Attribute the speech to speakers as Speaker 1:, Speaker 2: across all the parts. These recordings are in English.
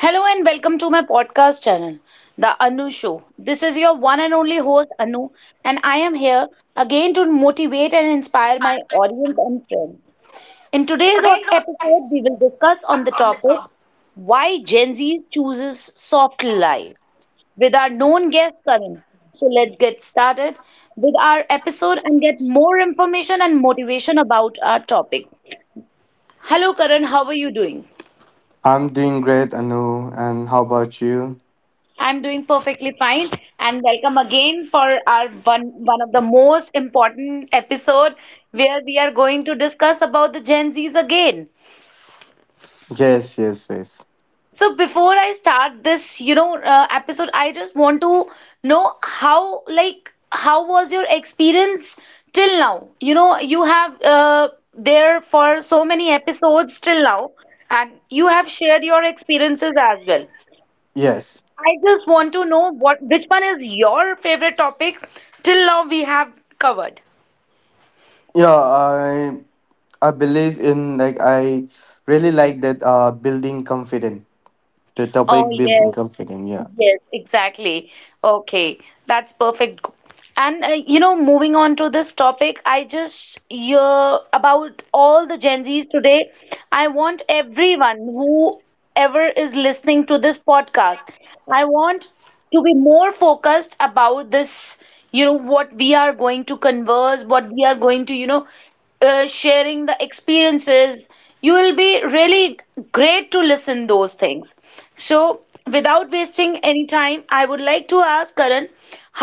Speaker 1: Hello and welcome to my podcast channel, The Anu Show. This is your one and only host, Anu, and I am here again to motivate and inspire my audience and friends. In today's episode, we will discuss on the topic why Gen Z chooses soft life with our known guest Karan. So let's get started with our episode and get more information and motivation about our topic. Hello Karan, how are you doing?
Speaker 2: I'm doing great, Anu. And how about you?
Speaker 1: I'm doing perfectly fine and welcome again for our one of the most important episode where we are going to discuss about the Gen Zs again.
Speaker 2: Yes, yes, yes,
Speaker 1: So before I start this, episode, I just want to know how was your experience till now? You have there for so many episodes till now, and you have shared your experiences as well.
Speaker 2: yes.
Speaker 1: I just want to know what which one is your favorite topic till now we have covered.
Speaker 2: Yeah, I believe in like I really like that. Building confidence. The
Speaker 1: Oh
Speaker 2: topic building
Speaker 1: yes,
Speaker 2: confidence. Yeah,
Speaker 1: yes, exactly. Okay, that's perfect. And moving on to this topic, I just hear about all the Gen Zs today. I want everyone who ever is listening to this podcast. I want to be more focused about this, what we are going to converse, what we are going to, sharing the experiences. You will be really great to listen those things. So without wasting any time, I would like to ask Karan,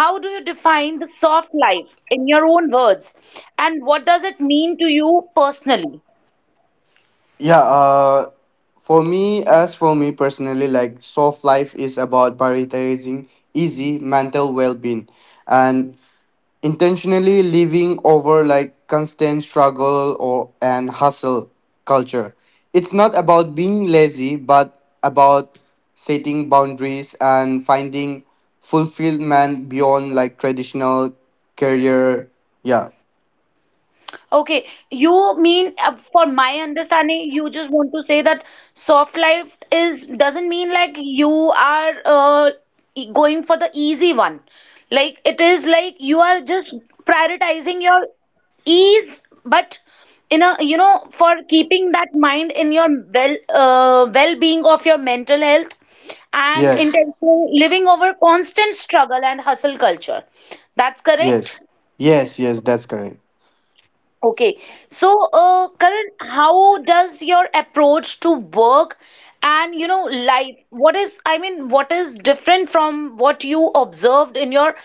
Speaker 1: how do you define the soft life in your own words, and what does it mean to you personally?
Speaker 2: yeah. For me, as for me personally, like soft life is about prioritizing easy mental well-being, and intentionally leaving over like constant struggle or an hustle culture. It's not about being lazy, but about setting boundaries and finding fulfillment beyond like traditional career. Yeah.
Speaker 1: Okay, you mean, for my understanding, you just want to say that soft life is doesn't mean like you are going for the easy one. Like it is like you are just prioritizing your ease, but in a, you know, for keeping that mind in your well-being of your mental health and
Speaker 2: Yes.
Speaker 1: intentional living over constant struggle and hustle culture. That's correct?
Speaker 2: Yes. Yes. Yes. That's correct.
Speaker 1: Okay, so Karan, how does your approach to work and, you know, life, what is, I mean, what is different from what you observed in your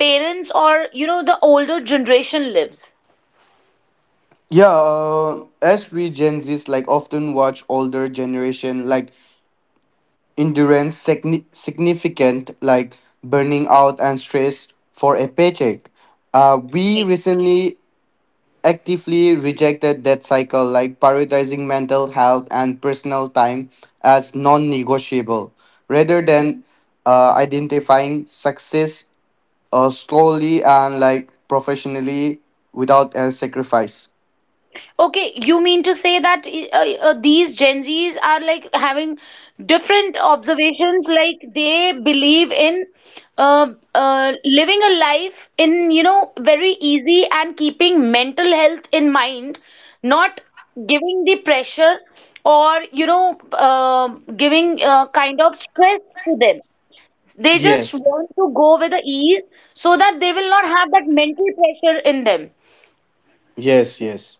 Speaker 1: parents or, you know, the older generation lives?
Speaker 2: Yeah. As we Gen Zs like often watch older generation like endurance significant like burning out and stress for a paycheck. We recently actively rejected that cycle, like prioritizing mental health and personal time as non negotiable rather than identifying success, slowly and like professionally without a sacrifice.
Speaker 1: Okay, you mean to say that these Gen Zs are like having different observations, like they believe in living a life in, you know, very easy and keeping mental health in mind, not giving the pressure or, you know, giving kind of stress to them. They just
Speaker 2: Yes,
Speaker 1: want to go with the ease so that they will not have that mental pressure in them.
Speaker 2: yes, yes,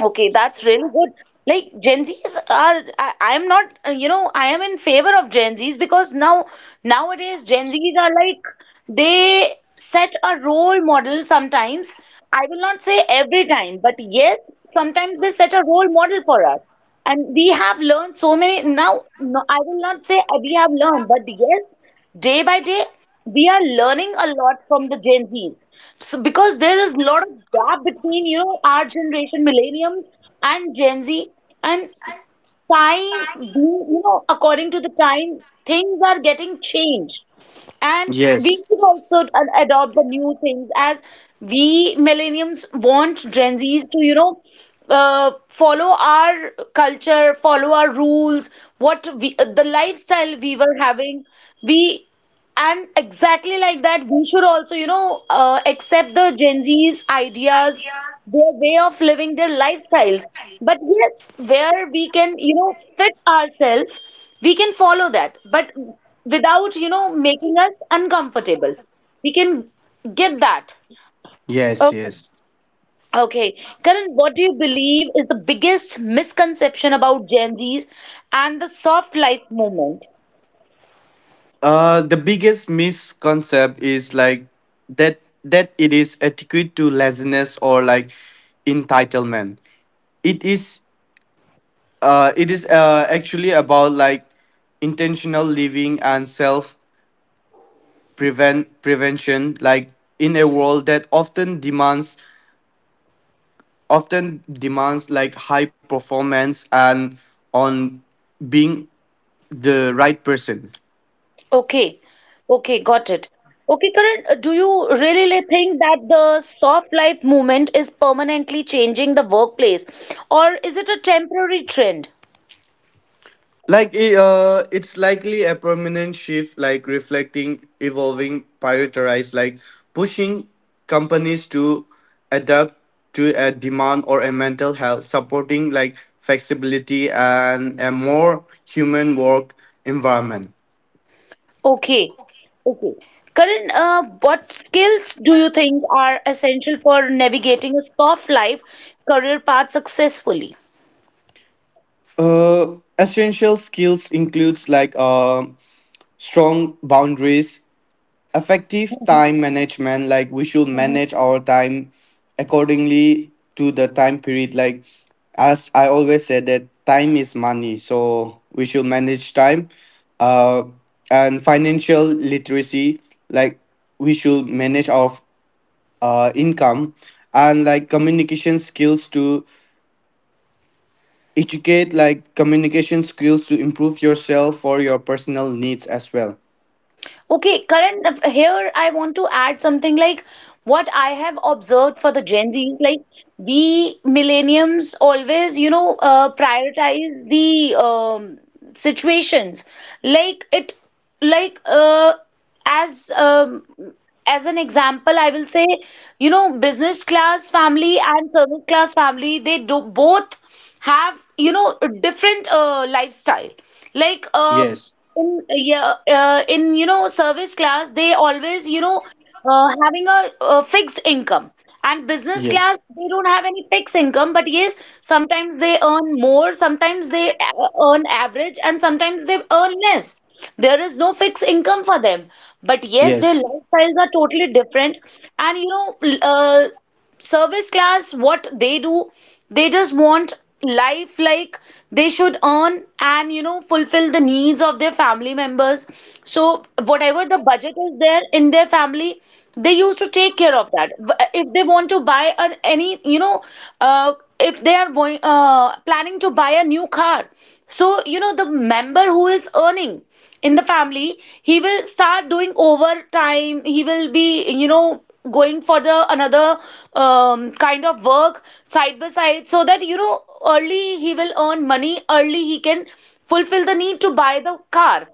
Speaker 1: Okay, that's really good. Like Gen Zs are, I'm not, you know, I am in favor of Gen Zs because nowadays, Gen Zs are like, they set a role model sometimes. I will not say every time, but yes, sometimes they set a role model for us. And we have learned so many, no, I will not say we have learned, but yes, day by day, we are learning a lot from the Gen Zs. So because there is a lot of gap between, you know, our generation, millenniums and Gen Z, and time being, you know, according to the time, things are getting changed. And we
Speaker 2: yes,
Speaker 1: should also adopt the new things as we millenniums want Gen Zs to, you know, follow our culture, follow our rules, what we, the lifestyle we were having. We, and exactly like that, we should also, you know, accept the Gen Z's ideas, their way of living, their lifestyles. But yes, where we can, you know, fit ourselves, we can follow that, but without, you know, making us uncomfortable. We can get that.
Speaker 2: yes,
Speaker 1: Okay.
Speaker 2: yes.
Speaker 1: Okay, Karan, what do you believe is the biggest misconception about Gen Z's and the soft life movement?
Speaker 2: The biggest misconcept is like that it is adequate to laziness or like entitlement. It is it is actually about like intentional living and self prevention, like in a world that often demands like high performance and on being the right person.
Speaker 1: Okay, okay, got it. Okay, Karan, do you really think that the soft life movement is permanently changing the workplace, or is it a temporary trend?
Speaker 2: Like it's likely a permanent shift, like reflecting evolving prioritize, like pushing companies to adapt to a demand or a mental health, supporting like flexibility and a more human work environment.
Speaker 1: Okay, okay. Karan, what skills do you think are essential for navigating a soft life career path successfully?
Speaker 2: Essential skills includes like strong boundaries, effective
Speaker 1: Mhm,
Speaker 2: time management. Like we should
Speaker 1: mhm.
Speaker 2: manage our time accordingly to the time period, like as I always said that time is money, so we should manage time uh and financial literacy. Like we should manage our income, and like communication skills to educate, like communication skills to improve yourself for your personal needs as well.
Speaker 1: Okay, Karan, here I want to add something like what I have observed for the Gen Zs, like we millenniums always, you know, prioritize the situations. Like it, like as um, as an example, I will say, you know, business class family and service class family, they do both have, you know, a different lifestyle, like
Speaker 2: Yes,
Speaker 1: in yeah in you know, service class, they always, you know, having a fixed income, and business
Speaker 2: yes,
Speaker 1: class, they don't have any fixed income, but yes, sometimes they earn more, sometimes they earn average, and sometimes they earn less. There is no fixed income for them, but yes, their
Speaker 2: yes.
Speaker 1: lifestyles are totally different. And you know, service class, what they do, they just want life, like they should earn and, you know, fulfill the needs of their family members. So whatever the budget is there in their family, they used to take care of that. If they want to buy an any, you know, uh, if they are going, planning to buy a new car, so you know, the member who is earning in the family, he will start doing overtime, he will be, you know, going for the another kind of work side by side, so that you know, early he will earn money, early he can fulfill the need to buy the car.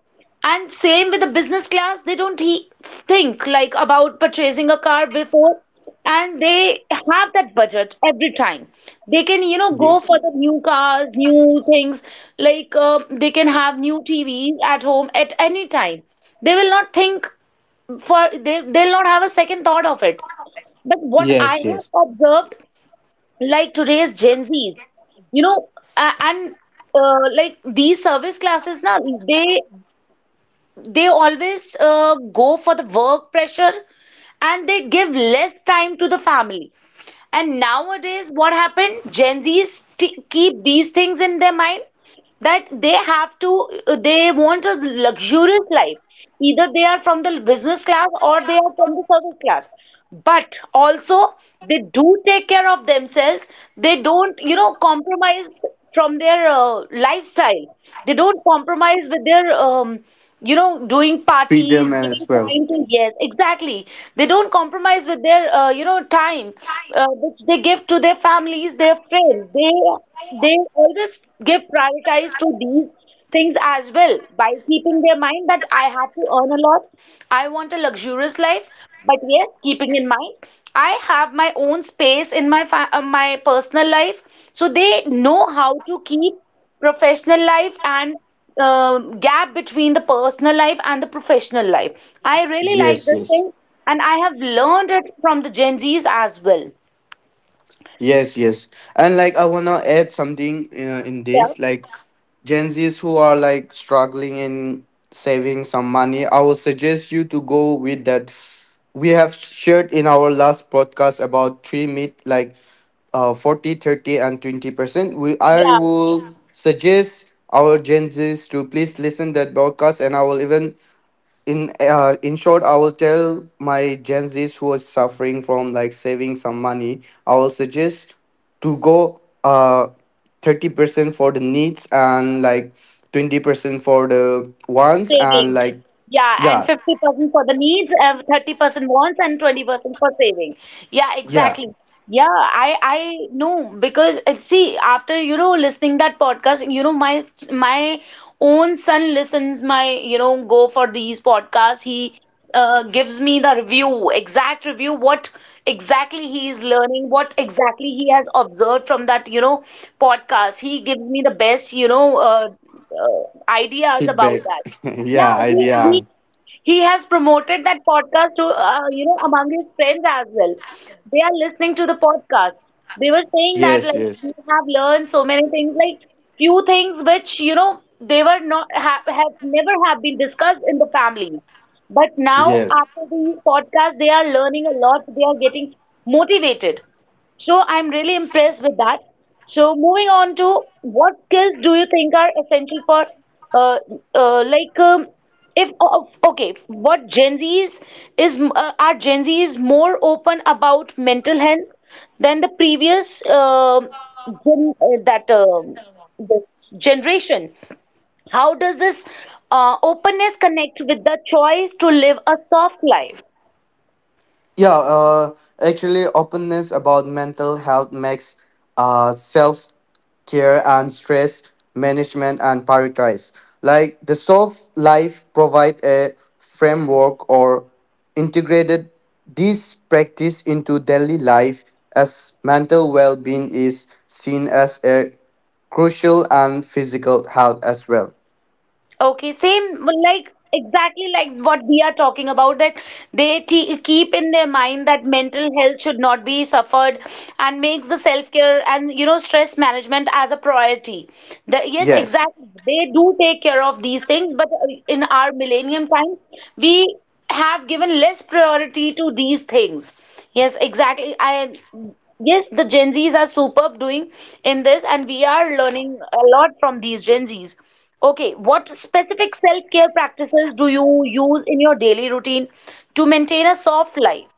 Speaker 1: And same with the business class, they don't he think like about purchasing a car before, and they have that budget every time. They can, you know, go
Speaker 2: Yes,
Speaker 1: for the new cars, new things, like they can have new TVs at home at any time. They will not think for, they'll not have a second thought of it. But what I
Speaker 2: yes, yes,
Speaker 1: have observed, like today's Gen Zs, you know, a- and like these service classes now, they they always go for the work pressure, and they give less time to the family. And nowadays, what happened? Gen Zs keep these things in their mind, that they have to, they want a luxurious life. Either they are from the business class or they are from the service class. But also, they do take care of themselves. They don't, you know, compromise from their lifestyle. They don't compromise with their you know, doing parties,
Speaker 2: freedom as
Speaker 1: giving
Speaker 2: well.
Speaker 1: time to, yes, exactly, they don't compromise with their you know, time, which they give to their families, their friends, they always give prioritize to these things as well, by keeping their mind that I have to earn a lot, I want a luxurious life, but yes, keeping in mind, I have my own space in my my personal life. So they know how to keep professional life and gap between the personal life and the professional life. I really like
Speaker 2: Yes,
Speaker 1: this
Speaker 2: yes,
Speaker 1: thing, and I have learned it from the Gen Zs as well.
Speaker 2: yes, yes. And like I wanna add something, in
Speaker 1: Yeah,
Speaker 2: this, like Gen Z's who are like struggling in saving some money, I will suggest you to go with that we have shared in our last podcast about three meat, like 40, 30, and 20%. We i
Speaker 1: yeah.
Speaker 2: will suggest our Gen Z's to please listen that podcast, and I will even, in short, I will tell my Gen Z's who are suffering from like saving some money, I will suggest to go 30% for the needs, and like 20% for the wants, and
Speaker 1: Savings.
Speaker 2: like
Speaker 1: Yeah,
Speaker 2: yeah,
Speaker 1: and 50% for the needs, 30% wants, and 20% for saving. Yeah,
Speaker 2: yeah,
Speaker 1: exactly. Yeah, I know because, see, after you know listening that podcast, you know, my own son listens my, you know, go for these podcasts. He gives me the review, exact review, what exactly he is learning, what exactly he has observed from that, you know, podcast. He gives me the best, you know, uh, ideas about
Speaker 2: feedback.
Speaker 1: that.
Speaker 2: Yeah,
Speaker 1: Yeah, he he
Speaker 2: idea.
Speaker 1: he has promoted that podcast to, you know, among his friends as well. They are listening to the podcast. They were saying that,
Speaker 2: Yes,
Speaker 1: like, we
Speaker 2: yes,
Speaker 1: have learned so many things, like few things which, you know, they were not have, have never have been discussed in the families. But now
Speaker 2: yes.
Speaker 1: after these podcasts, they are learning a lot. They are getting motivated. So I'm really impressed with that. So moving on to, what skills do you think are essential for, uh, like, if of- okay, what Gen Zs is are Gen Zs more open about mental health than the previous um gen, that this generation? How does this openness connect with the choice to live a soft life?
Speaker 2: Yeah, actually, openness about mental health makes self care and stress management and prioritize. Like the soft life provide a framework or integrated this practice into daily life, as mental well-being is seen as a crucial and physical health as well.
Speaker 1: Okay, same well, like exactly like what we are talking about, that they te keep in their mind that mental health should not be suffered, and makes the self-care and, you know, stress management as a priority. The, yes,
Speaker 2: Yes.
Speaker 1: exactly. They do take care of these things, but in our millennium time, we have given less priority to these things. Yes, exactly. I, yes, the Gen Zs are superb doing in this, and we are learning a lot from these Gen Zs. Okay, what specific self-care practices do you use in your daily routine to maintain a soft life?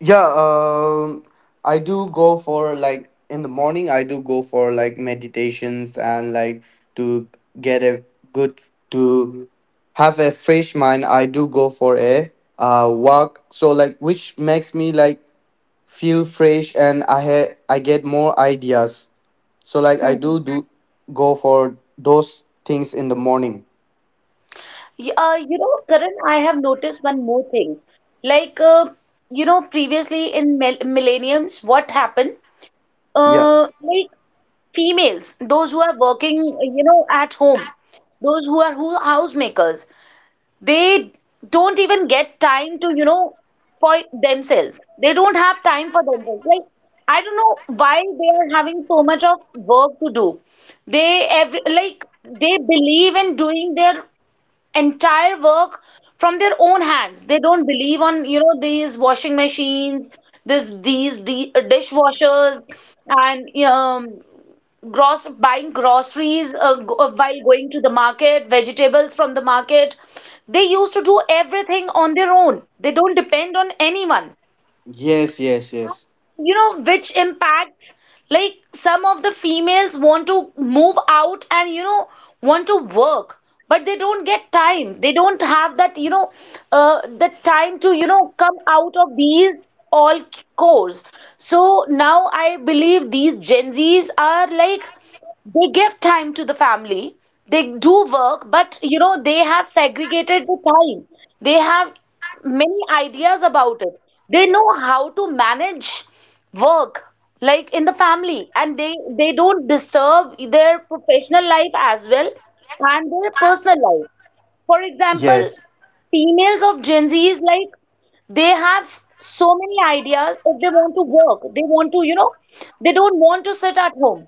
Speaker 2: Yeah, I do go for like in the morning, I do go for like meditations and like to get a good to have a fresh mind. I do go for a walk, so like which makes me like feel fresh, and I get more ideas. So like I
Speaker 1: Mhm.
Speaker 2: do go for those things in the morning.
Speaker 1: Karan, I have noticed one more thing. Like, previously in millenniums, what happened?
Speaker 2: Yeah.
Speaker 1: Like females, those who are working, at home, those who are who housemakers, they don't even get time to for themselves. They don't have time for themselves. Like, I don't know why they are having so much of work to do. They every like they believe in doing their entire work from their own hands. They don't believe on these washing machines, these dishwashers, and gross buying groceries, while going to the market, vegetables from the market. They used to do everything on their own. They don't depend on anyone.
Speaker 2: Yes, yes, yes.
Speaker 1: Which impacts like some of the females want to move out and want to work, but they don't get time. They don't have that the time to come out of these all cores. So now I believe these Gen Zs are like they give time to the family. They do work, but they have segregated the time. They have many ideas about it. They know how to manage work like in the family, and they don't disturb their professional life as well, and their personal life, for example.
Speaker 2: Yes.
Speaker 1: Females of Gen Z is like they have so many ideas. If they want to work, they want to, they don't want to sit at home.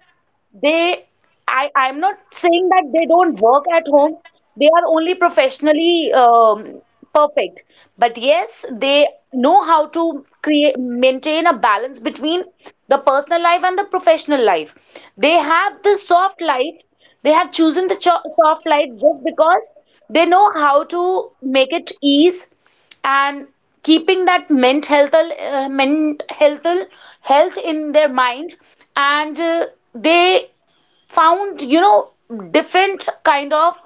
Speaker 1: they, I'm not saying that they don't work at home. They are only professionally perfect. But yes, they know how to create, maintain a balance between the personal life and the professional life. They have the soft life. They have chosen the cho soft life just because they know how to make it ease, and keeping that health in their mind, and they found different kind of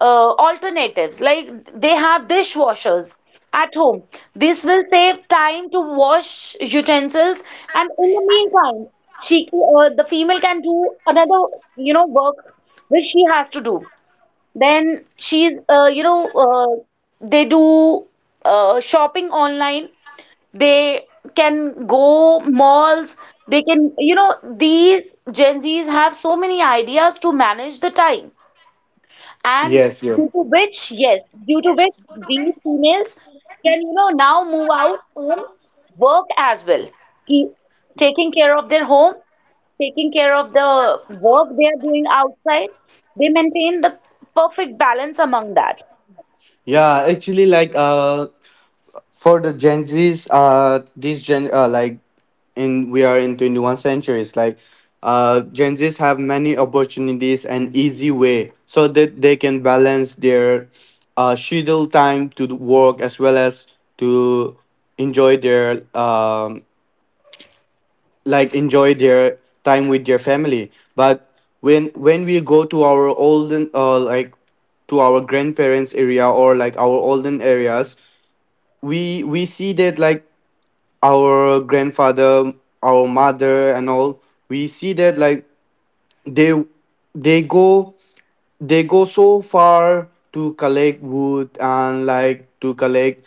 Speaker 1: alternatives. Like, they have dishwashers at home. This will save time to wash utensils, and in the meantime she the female can do another work which she has to do. Then she's you know they do shopping online. They can go malls. They can, you know, these Gen Zs have so many ideas to manage the time. And
Speaker 2: Yes, yeah.
Speaker 1: due to which these females can, now move out and work as well. Keep taking care of their home, taking care of the work they are doing outside. They maintain the perfect balance among that.
Speaker 2: Yeah, actually, like for the Gen Zs, these Gen like in, we are in 21 centuries. Like, Gen Zs have many opportunities and easy way so that they can balance their schedule time to the work as well as to enjoy their um enjoy their time with their family. But when we go to our olden, like to our grandparents area, or like our olden areas, we see that like our grandfather, our mother, and all, we see that like they they go they go so far to collect wood, and like to collect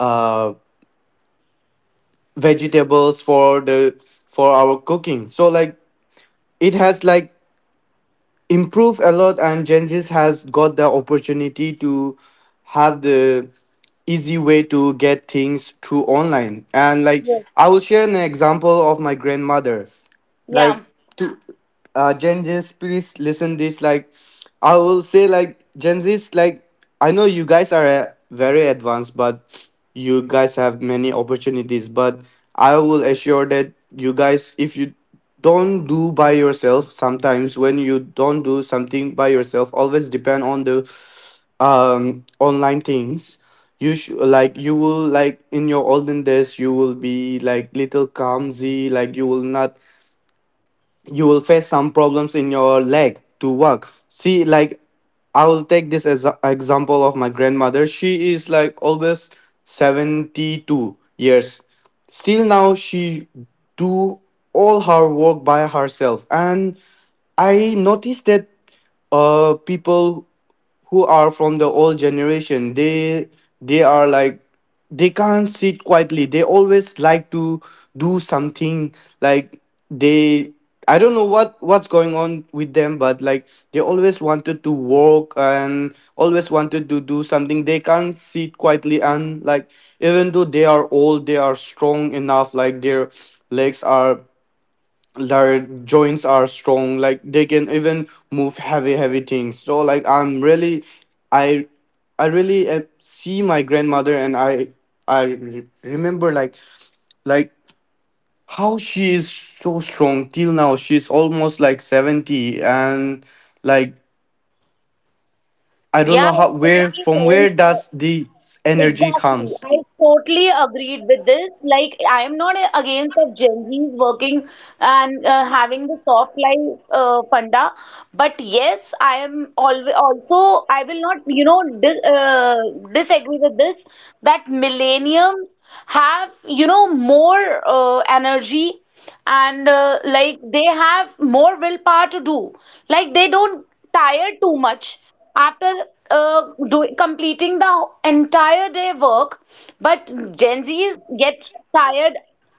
Speaker 2: uh vegetables for the for our cooking. So like it has like improved a lot, and Gen Z has got the opportunity to have the easy way to get things through online. And like
Speaker 1: Yes.
Speaker 2: I will share an example of my grandmother.
Speaker 1: Yeah.
Speaker 2: Like, to Gen Z's, please listen this, like I will say, like Gen Z's, like I know you guys are, very advanced, but you guys have many opportunities. But I will assure that you guys, if you don't do by yourself, sometimes when you don't do something by yourself, always depend on the online things, you should like you will, like in your olden days you will be like little clumsy, like you will not, you will face some problems in your leg to walk. See, like I will take this as a example of my grandmother. She is like always 72 years. Still now she do all her work by herself, and I noticed that people who are from the old generation, they are like, they can't sit quietly, they always like to do something. Like, they, I don't know what's going on with them, but like they always wanted to work and always wanted to do something. They can't sit quietly, and like, even though they are old, they are strong enough, like their legs are, their joints are strong, like they can even move heavy heavy things. So like i'm really i i really, see my grandmother, and I remember like how she is so strong. Till now she's almost like 70, and like, I don't
Speaker 1: Yeah,
Speaker 2: know how, where
Speaker 1: exactly,
Speaker 2: from,
Speaker 1: Karan.
Speaker 2: where does the energy
Speaker 1: Exactly.
Speaker 2: comes.
Speaker 1: I totally agreed with this. Like, I am not against of Gen Zs working and having the soft life funda, but yes, I am always also I will not disagree with this, that millenniums have more energy, and like they have more willpower to do. Like they don't tire too much after completing the entire day work, but Gen Z's get tired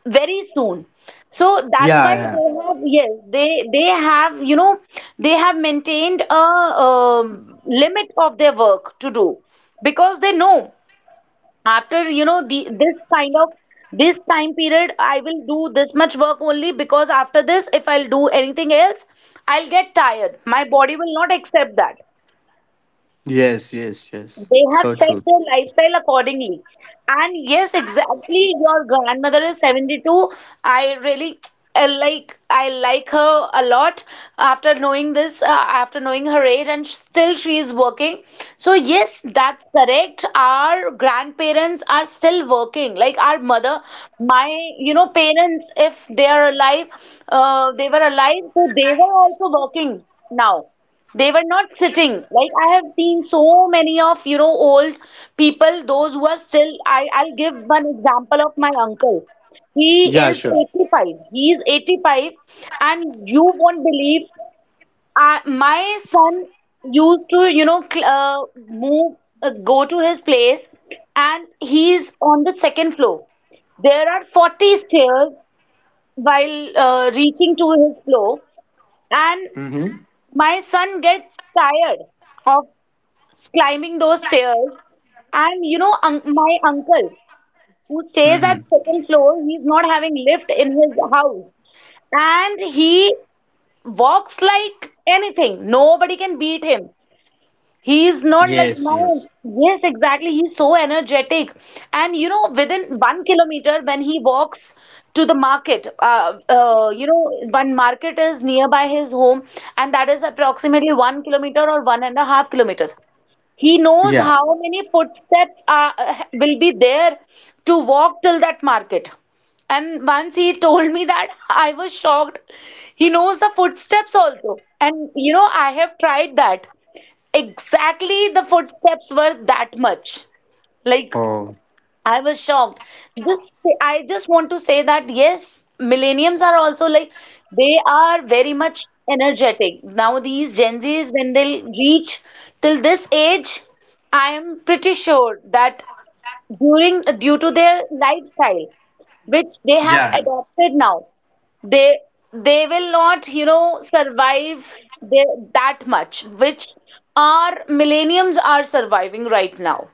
Speaker 1: very soon. So that's
Speaker 2: Yeah,
Speaker 1: why
Speaker 2: yeah.
Speaker 1: they have, yes, they have, they have maintained a limit of their work to do, because they know after the this kind of this time period, I will do this much work only, because after this if I'll do anything else, I'll get tired, my body will not accept that.
Speaker 2: Yes, yes, yes,
Speaker 1: They have
Speaker 2: so
Speaker 1: set
Speaker 2: true.
Speaker 1: their lifestyle accordingly. And yes, exactly. Your grandmother is 72. I really like I like her a lot after knowing after knowing her age, and still she is working. So yes, that's correct. Our grandparents are still working. Like our mother, my parents, if they are alive, they were alive, so they were also working now. They were not sitting. Like, I have seen so many of, old people, those who are I'll give one example of my uncle. He
Speaker 2: Yeah,
Speaker 1: is
Speaker 2: sure.
Speaker 1: 85. He is 85, and you won't believe, my son used to, go to his place, and he's on the second floor. There are 40 stairs while reaching to his floor, and
Speaker 2: Mm-hmm.
Speaker 1: my son gets tired of climbing those stairs. And you know, un my uncle who stays at
Speaker 2: Mm-hmm.
Speaker 1: second floor, he's not having lift in his house, and he walks like anything. Nobody can beat him. He's not like
Speaker 2: Yes,
Speaker 1: my
Speaker 2: yes.
Speaker 1: Yes, exactly. He's so energetic, and within 1 kilometer when he walks to the market, one market is nearby his home, and that is approximately 1 kilometer or 1.5 kilometers. He knows
Speaker 2: Yeah.
Speaker 1: how many footsteps are, will be there to walk till that market. And once he told me that, I was shocked. He knows the footsteps also. And I have tried that. Exactly, the footsteps were that much. Like,
Speaker 2: Oh,
Speaker 1: I was shocked. Just, I just want to say that yes, millenniums are also like they are very much energetic. Now these Gen Zs, when they'll reach till this age, I am pretty sure that during due to their lifestyle, which they have
Speaker 2: yeah.
Speaker 1: adopted now, they they will not, survive that much, which our millenniums are surviving right now.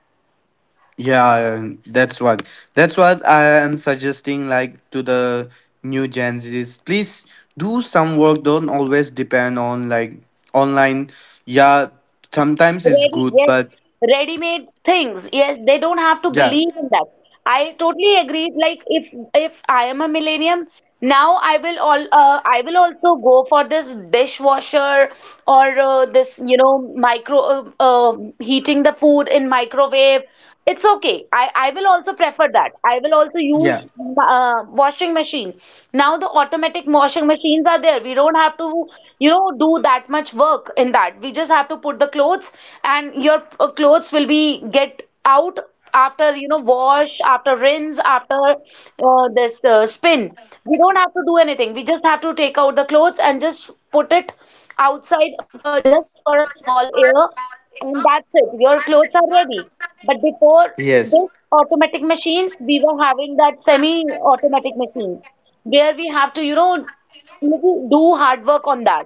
Speaker 2: Yeah, that's what. That's what I am suggesting, like to the new Gen Zs. Please do some work. Don't always depend on like online. Yeah, sometimes it's good,
Speaker 1: Yes,
Speaker 2: but
Speaker 1: ready-made things. Yes, they don't have to
Speaker 2: yeah.
Speaker 1: believe in that. I totally agree. Like, if I am a millennium now, I will also go for this dishwasher or this micro heating the food in microwave. It's okay. I will also prefer that. I will also
Speaker 2: Yeah.
Speaker 1: use washing machine. Now the automatic washing machines are there. We don't have to do that much work in that. We just have to put the clothes, and your clothes will be get out after wash, after rinse, after this spin. We don't have to do anything. We just have to take out the clothes and just put it outside for just for a small air, and that's it, your clothes are ready. But before
Speaker 2: Yes.
Speaker 1: this automatic machines, we were having that semi automatic machines where we have to little do hard work on that.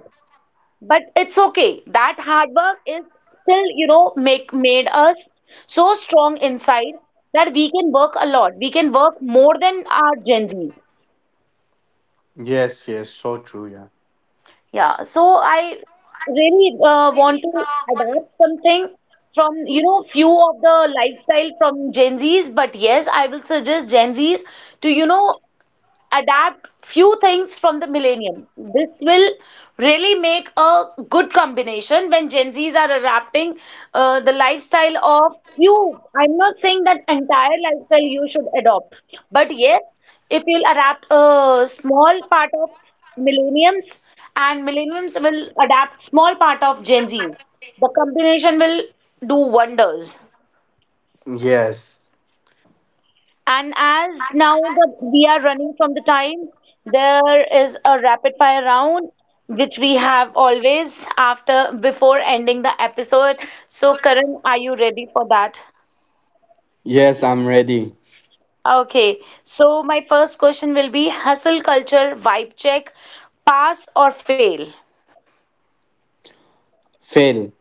Speaker 1: But it's okay. That hard work is still, make made us so strong inside that we can work a lot. We can work more than our Gen Zs.
Speaker 2: Yes, yes, so true, yeah.
Speaker 1: Yeah. So I really want to adapt something from, few of the lifestyle from Gen Zs. But yes, I will suggest Gen Zs to, adapt few things from the millennium. This will really make a good combination when Gen Zs are adapting the lifestyle of you. I'm not saying that entire lifestyle you should adopt, but yes, if you'll adapt a small part of millenniums and millenniums will adapt small part of Gen Zs, the combination will do wonders.
Speaker 2: Yes.
Speaker 1: And as now we are running from the time, there is a rapid fire round which we have always after before ending the episode. So, Karan, are you ready for that?
Speaker 2: Yes, I'm ready.
Speaker 1: Okay. So, my first question will be hustle culture vibe check, pass or fail?
Speaker 2: Fail.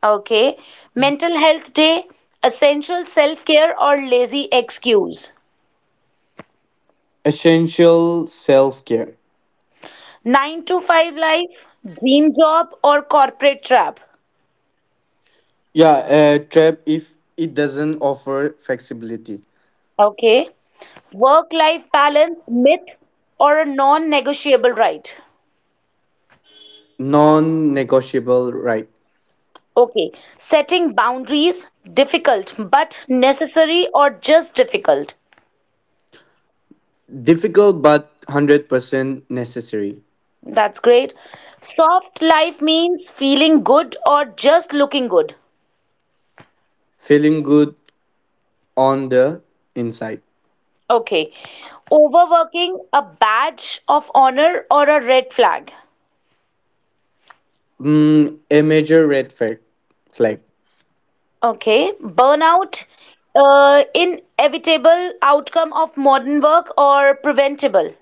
Speaker 1: Okay. Mental health day, essential self-care or lazy excuse?
Speaker 2: Essential self-care.
Speaker 1: 9 to 5 life, dream job or corporate trap?
Speaker 2: Yeah, trap if it doesn't offer flexibility.
Speaker 1: Okay. Work life balance, myth, or a non negotiable right?
Speaker 2: Non negotiable right.
Speaker 1: Okay. Setting boundaries, difficult but necessary or just difficult.
Speaker 2: Difficult but 100% necessary.
Speaker 1: That's great. Soft life means feeling good or just looking good.
Speaker 2: Feeling good on the inside.
Speaker 1: Okay. Overworking, a badge of honor or a red flag.
Speaker 2: Mm, a major red flag.
Speaker 1: Okay. Burnout, inevitable outcome of modern work or preventable.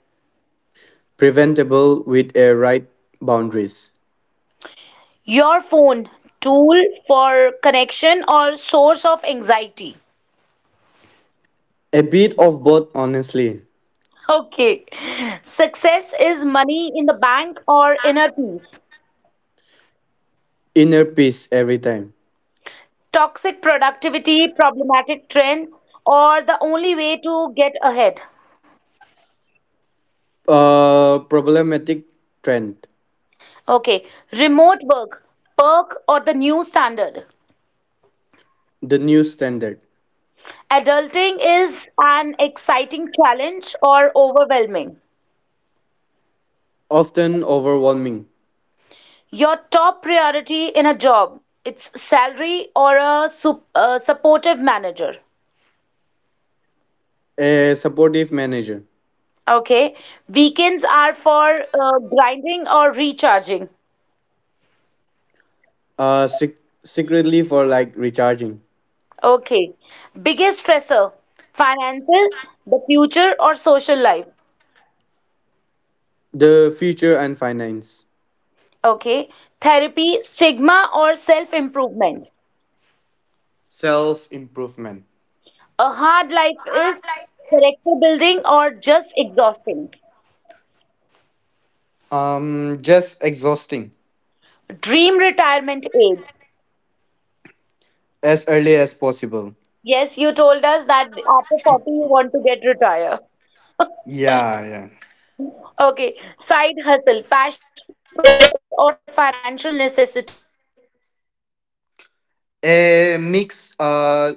Speaker 2: Preventable with a right boundaries.
Speaker 1: Your phone, tool for connection or source of anxiety.
Speaker 2: A bit of both, honestly.
Speaker 1: Okay. Success is money in the bank or inner peace.
Speaker 2: Inner peace every time.
Speaker 1: Toxic productivity, problematic trend, or the only way to get ahead.
Speaker 2: Problematic trend.
Speaker 1: Okay. Remote work, perk or the new standard.
Speaker 2: The new standard.
Speaker 1: Adulting is an exciting challenge or overwhelming.
Speaker 2: Often overwhelming.
Speaker 1: Your top priority in a job, it's salary or a supportive manager.
Speaker 2: A supportive manager.
Speaker 1: Okay. Weekends are for grinding or recharging.
Speaker 2: Uh, sec- Secretly for like recharging.
Speaker 1: Okay. Biggest stressor, finances, the future, or social life.
Speaker 2: The future and finance.
Speaker 1: Okay. Therapy, stigma, or self-improvement.
Speaker 2: Self improvement.
Speaker 1: A hard life is character building or just exhausting.
Speaker 2: Just exhausting.
Speaker 1: Dream retirement age.
Speaker 2: As early as possible.
Speaker 1: Yes, you told us that after 40 you want to get retired.
Speaker 2: Yeah, yeah.
Speaker 1: Okay, side hustle, passion, project, or financial necessity.
Speaker 2: a mix uh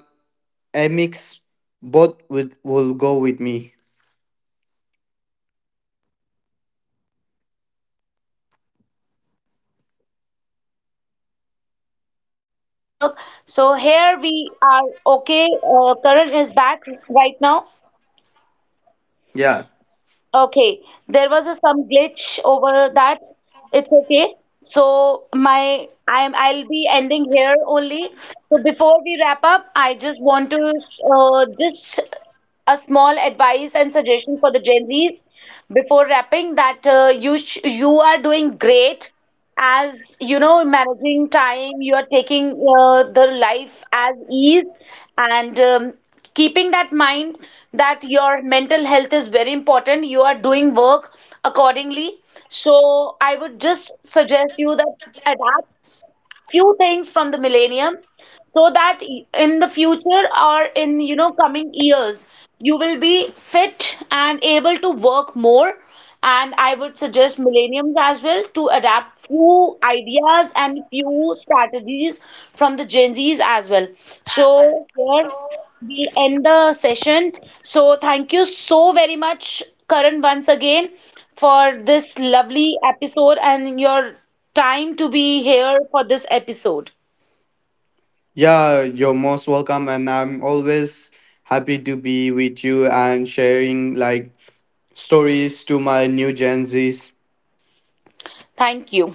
Speaker 2: a mix both with
Speaker 1: Okay,
Speaker 2: will go
Speaker 1: should I
Speaker 2: with me.
Speaker 1: repeat the question? So I think there's some problem with the network. So here we are. Okay, Karan is back right now.
Speaker 2: Yeah,
Speaker 1: Okay, there was some glitch over that. It's okay. So my I'm I'll be ending here only. So before we wrap up, I just want to just a small advice and suggestion for the Gen Zs before wrapping that you are doing great as you know managing time. You are taking the life as ease, and keeping that mind that your mental health is very important. You are doing work accordingly. So I would just suggest you that adapt few things from the millennium, so that in the future or in coming years, you will be fit and able to work more. And I would suggest millenniums as well to adapt few ideas and few strategies from the Gen Z's as well. So here we end the session. So thank you so very much, Karan, once again for this lovely episode and your time to be here for this episode.
Speaker 2: yeah, you're most welcome, and I'm always happy to be with you and sharing like stories to my new Gen Z's.
Speaker 1: Thank you.